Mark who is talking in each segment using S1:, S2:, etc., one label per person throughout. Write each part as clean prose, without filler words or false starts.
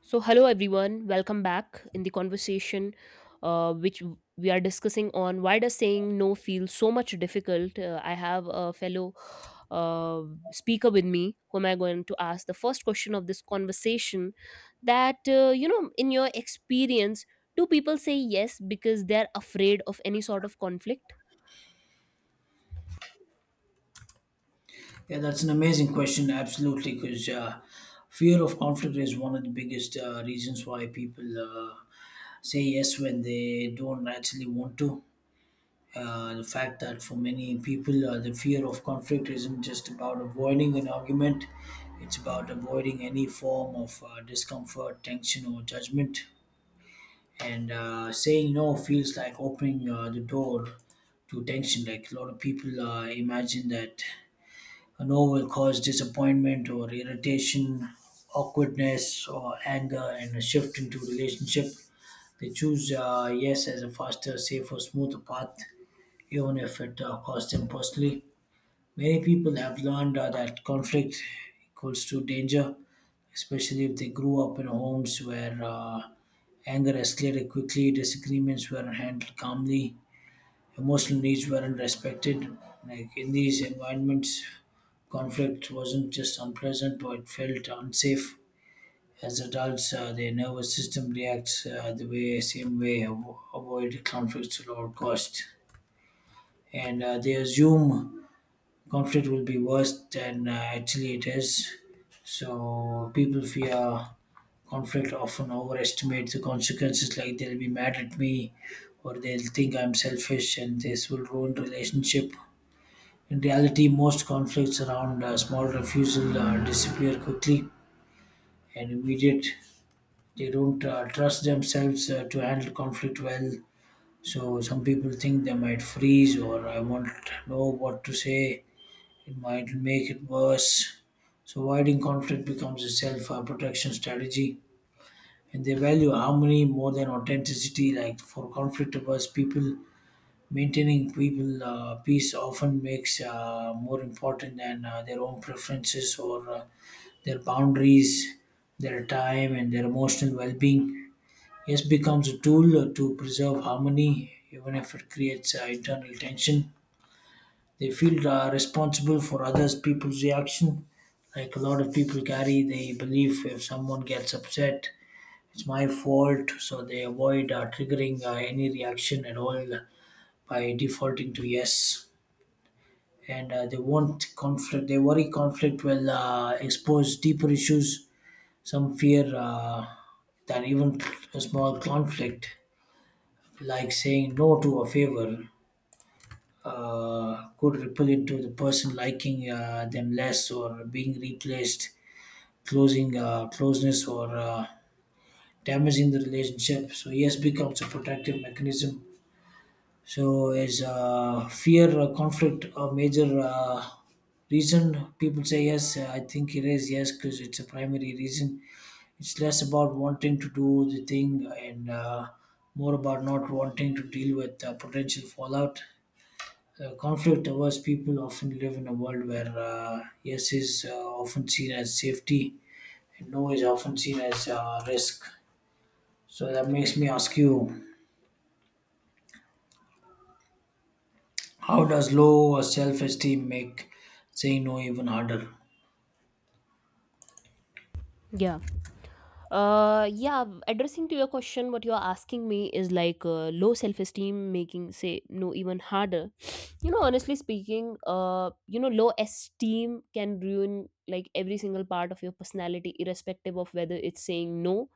S1: So, hello everyone, welcome back in the conversation which w- we are discussing on why does saying no feel so much difficult. I have a fellow uh, speaker with me whom I'm going to ask the first question of this conversation that, in your experience, do people say yes because they're afraid of any sort of conflict?
S2: Yeah, that's an amazing question. Absolutely, because fear of conflict is one of the biggest reasons why people say yes when they don't actually want to. The fact that for many people, the fear of conflict isn't just about avoiding an argument, it's about avoiding any form of discomfort, tension, or judgment. And saying no feels like opening the door to tension. Like a lot of people imagine that a no will cause disappointment or irritation, awkwardness or anger, and a shift into relationship. They choose yes as a faster, safer, smoother path, even if it costs them personally. Many people have learned that conflict equals to danger, especially if they grew up in homes where anger escalated quickly, disagreements were handled calmly, emotional needs weren't respected. Like in these environments, conflict wasn't just unpleasant, but it felt unsafe. As adults, their nervous system reacts the way, same way, avoid conflicts at all cost. And they assume conflict will be worse than actually it is. So people fear conflict, often overestimate the consequences, like they'll be mad at me or they'll think I'm selfish and this will ruin relationship. In reality, most conflicts around small refusal disappear quickly and immediate. They don't trust themselves to handle conflict well. So some people think they might freeze or I won't know what to say. It might make it worse. So avoiding conflict becomes a self-protection strategy, and they value harmony more than authenticity. Like for conflict-averse people, maintaining people peace often makes more important than their own preferences or their boundaries, their time, and their emotional well-being. Yes becomes a tool to preserve harmony, even if it creates internal tension. They feel responsible for others' people's reaction. Like a lot of people carry the belief if someone gets upset, it's my fault, so they avoid triggering any reaction at all by defaulting to yes. And they want conflict, they worry conflict will expose deeper issues. Some fear that even a small conflict like saying no to a favor could ripple into the person liking them less or being replaced, closing closeness or damaging the relationship. So yes, becomes a protective mechanism. So is fear or conflict a major reason people say yes? I think it is yes because it's a primary reason. It's less about wanting to do the thing and more about not wanting to deal with potential fallout. Conflict averse people often live in a world where yes is often seen as safety and no is often seen as risk. So that makes me ask you how does low self esteem make saying no even harder?
S1: Yeah, addressing to your question, what you're asking me is like low self esteem making, say, no, even harder. You know, honestly speaking, low esteem can ruin like every single part of your personality, irrespective of whether it's saying no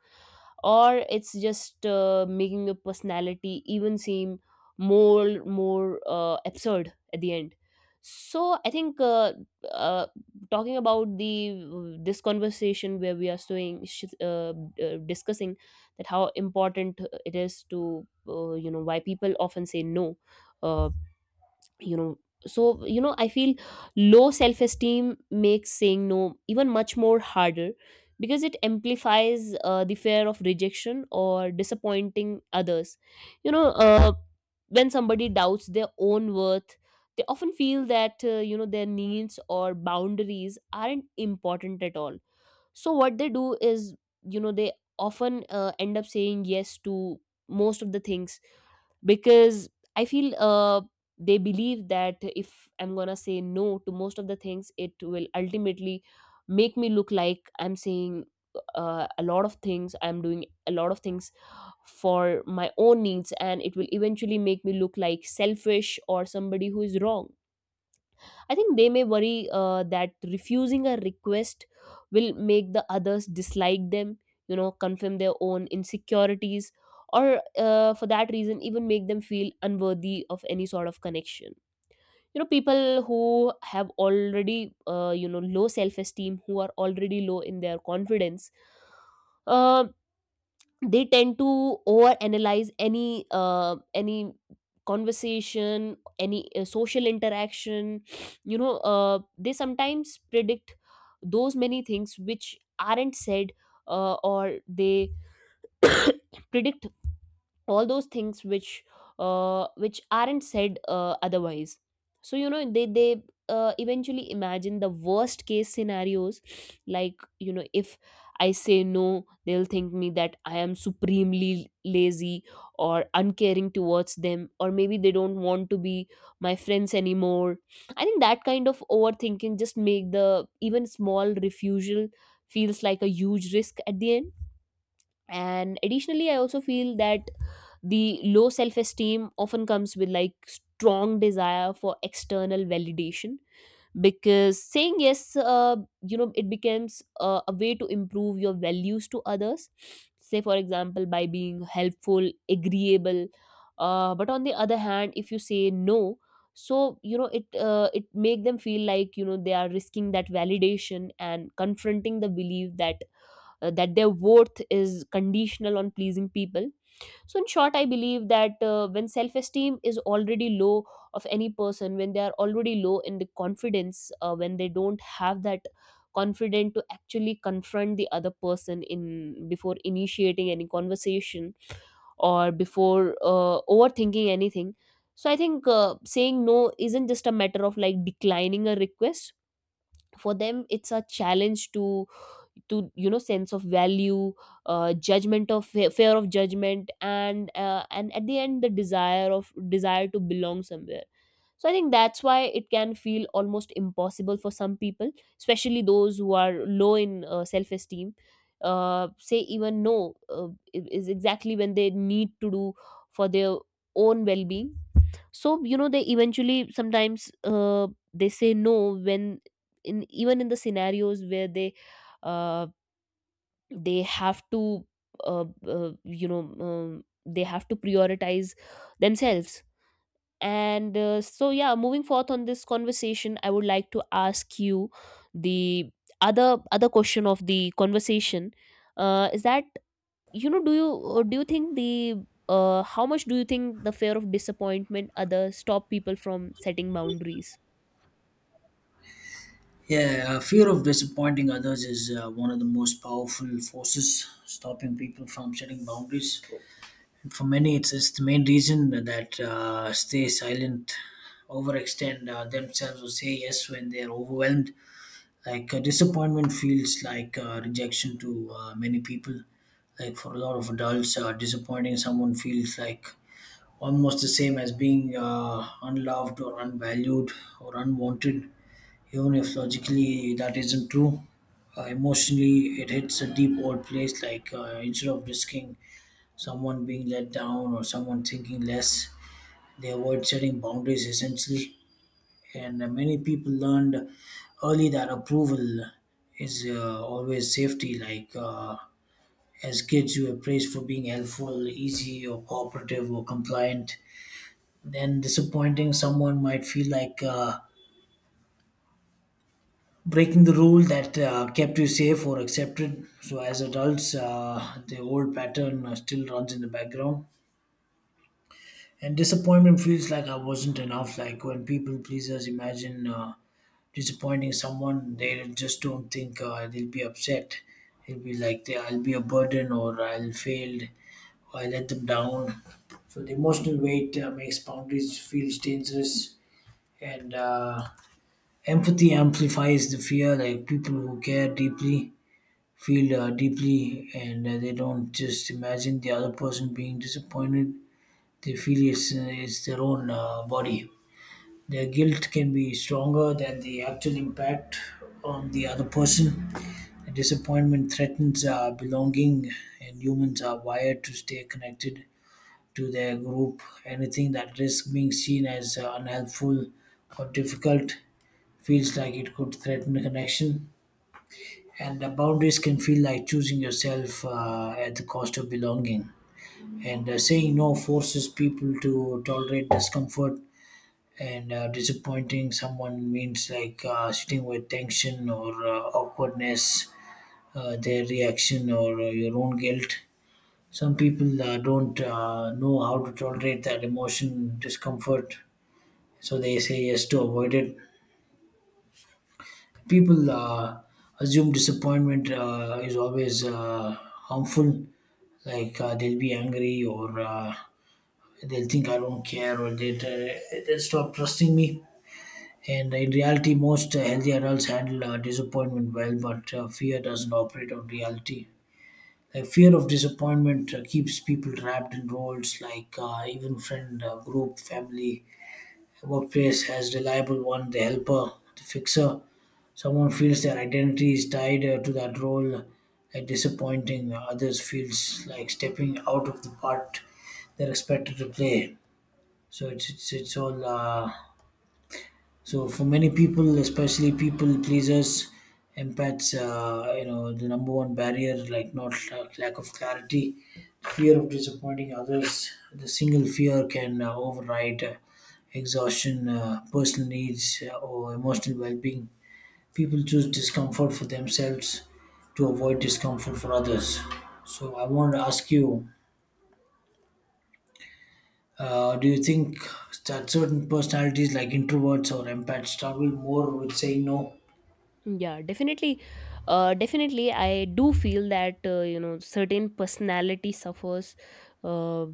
S1: or it's just making your personality even seem more absurd at the end. So I think uh, talking about the this conversation where we are doing discussing that how important it is to, you know, why people often say no uh, you know so, you know, I feel low self esteem makes saying no even much more harder because it amplifies the fear of rejection or disappointing others. you know uh, when somebody doubts their own worth, they often feel that, you know, their needs or boundaries aren't important at all. So what they do is, you know, they often end up saying yes to most of the things because I feel they believe that if I'm gonna say no to most of the things, it will ultimately make me look like I'm saying a lot of things, I'm doing a lot of things for my own needs, and it will eventually make me look like selfish or somebody who is wrong. I think they may worry that refusing a request will make the others dislike them, you know, confirm their own insecurities, or for that reason, even make them feel unworthy of any sort of connection. You know, people who have already, low self esteem, who are already low in their confidence, um they tend to overanalyze any conversation, any social interaction. You know, they sometimes predict those many things which aren't said, or they predict all those things which, which aren't said otherwise. So, you know, they eventually imagine the worst case scenarios, like, you know, if I say no, they'll think me that I am supremely lazy or uncaring towards them, or maybe they don't want to be my friends anymore. I think that kind of overthinking just make the even small refusal feels like a huge risk at the end. And additionally, I also feel that the low self esteem often comes with like strong desire for external validation, because saying yes, you know, it becomes a way to improve your values to others, say for example by being helpful, agreeable, but on the other hand, if you say no, so, you know, it it make them feel like, you know, they are risking that validation and confronting the belief that, that their worth is conditional on pleasing people. So, in short, I believe that when self esteem is already low of any person, when they are already low in the confidence, when they don't have that confident to actually confront the other person in before initiating any conversation or before overthinking anything, so I think saying no isn't just a matter of like declining a request. For them it's a challenge to you know sense of value, judgment of fear of judgment, and, at the end, the desire to belong somewhere. So I think that's why it can feel almost impossible for some people, especially those who are low in self esteem, say even no, is exactly when they need to do for their own well being. So, you know, they eventually sometimes, they say no when in even in the scenarios where they, uh, they have to, they have to prioritize themselves. And uh, so yeah, moving forth on this conversation, I would like to ask you the other question of the conversation. Is that, you know, do you think the how much do you think the fear of disappointment other stop people from setting boundaries?
S2: Yeah, fear of disappointing others is one of the most powerful forces stopping people from setting boundaries. And for many, it's the main reason that stay silent, overextend themselves, or say yes when they're overwhelmed. Disappointment feels like rejection to many people, like for a lot of adults disappointing someone feels like almost the same as being unloved or unvalued or unwanted, even if logically that isn't true. Emotionally it hits a deep old place, like instead of risking someone being let down or someone thinking less, they avoid setting boundaries essentially. And many people learned early that approval is always safety. Like as kids, you were praised for being helpful, easy, or cooperative, or compliant. Then disappointing someone might feel like breaking the rule that kept you safe or accepted. So as adults, the old pattern still runs in the background. And disappointment feels like I wasn't enough. Like when people pleasers imagine disappointing someone, they just don't think they'll be upset. They'll be like, they, I'll be a burden or I'll fail or I let them down. So the emotional weight makes boundaries feel dangerous, and empathy amplifies the fear. Like people who care deeply feel deeply, and they don't just imagine the other person being disappointed, they feel it's their own body. Their guilt can be stronger than the actual impact on the other person. The disappointment threatens belonging, and humans are wired to stay connected to their group. Anything that risks being seen as unhelpful or difficult feels like it could threaten the connection. And the boundaries can feel like choosing yourself at the cost of belonging. And saying no forces people to tolerate discomfort, and disappointing someone means like sitting with tension or awkwardness, their reaction or your own guilt. Some people don't know how to tolerate that emotion discomfort, so they say yes to avoid it. People assume disappointment is always harmful, like they'll be angry or they'll think I don't care or they'll stop trusting me. And in reality, most healthy adults handle disappointment well, but fear doesn't operate on reality. The fear of disappointment keeps people trapped in roles like even friend, group, family, workplace as reliable one, the helper, the fixer. Someone feels their identity is tied to that role. Disappointing others feels like stepping out of the part they're expected to play. So it's all. So for many people, especially people pleasers, empaths, you know, the number one barrier, like not lack of clarity, fear of disappointing others. The single fear can override exhaustion, personal needs, or emotional well-being. People choose discomfort for themselves to avoid discomfort for others. So I want to ask you, do you think that certain personalities like introverts or empaths struggle more with saying no?
S1: Yeah, definitely. Definitely, I do feel that, you know, certain personality suffers. Uh,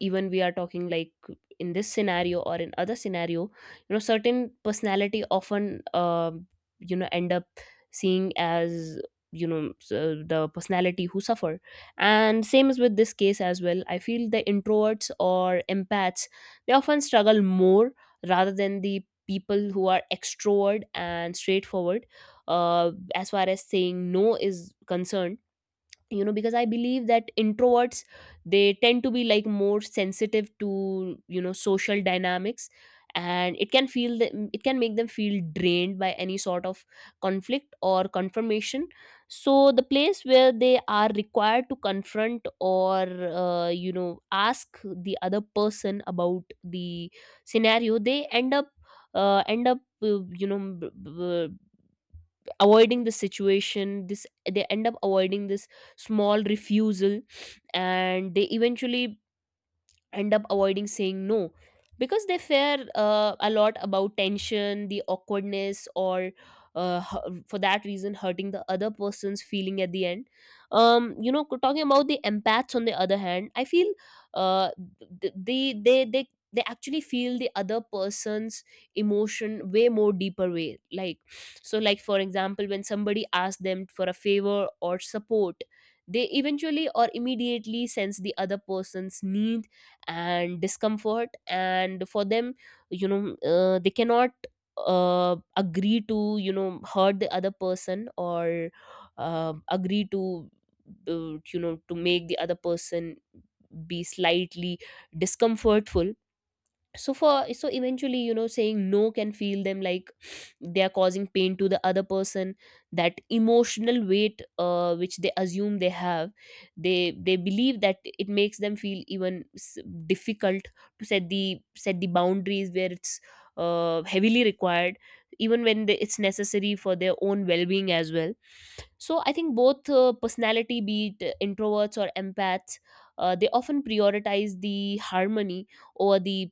S1: Even we are talking like in this scenario or in other scenario, you know, certain personality often you know end up seeing as, the personality who suffer, and same is with this case as well. I feel the introverts or empaths, they often struggle more rather than the people who are extrovert and straightforward, as far as saying no is concerned. You know, because I believe that introverts, they tend to be like more sensitive to, you know, social dynamics, and it can feel them, it can make them feel drained by any sort of conflict or confirmation. So the place where they are required to confront or, you know, ask the other person about the scenario, they end up, uh, end up uh, you know b- b- avoiding the situation. This They end up avoiding this small refusal, and they eventually end up avoiding saying no, because they fear a lot about tension, the awkwardness, or, for that reason, hurting the other person's feeling at the end. You know, talking about the empaths on the other hand, I feel uh they actually feel the other person's emotion way more deeper way, like, so like for example when somebody asks them for a favor or support, they eventually or immediately sense the other person's needs and discomfort, and for them, you know, they cannot, agree to, you know, hurt the other person, or agree to you know, to make the other person be slightly discomfortful. So eventually, you know, saying no can feel them like they are causing pain to the other person. That emotional weight which they assume they have, they believe that it makes them feel even difficult to set the boundaries where it's heavily required, even when they, it's necessary for their own well-being as well. So I think both personality, be it introverts or empaths, they often prioritize the harmony over the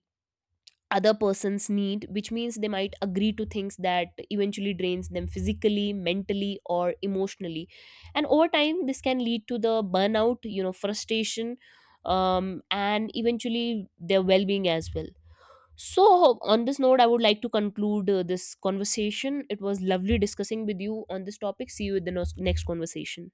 S1: other person's need, which means they might agree to things that eventually drains them physically, mentally, or emotionally, and over time this can lead to the burnout, you know, frustration, and eventually their well-being as well. So on this note, I would like to conclude this conversation. It was lovely discussing with you on this topic. See you in the next conversation.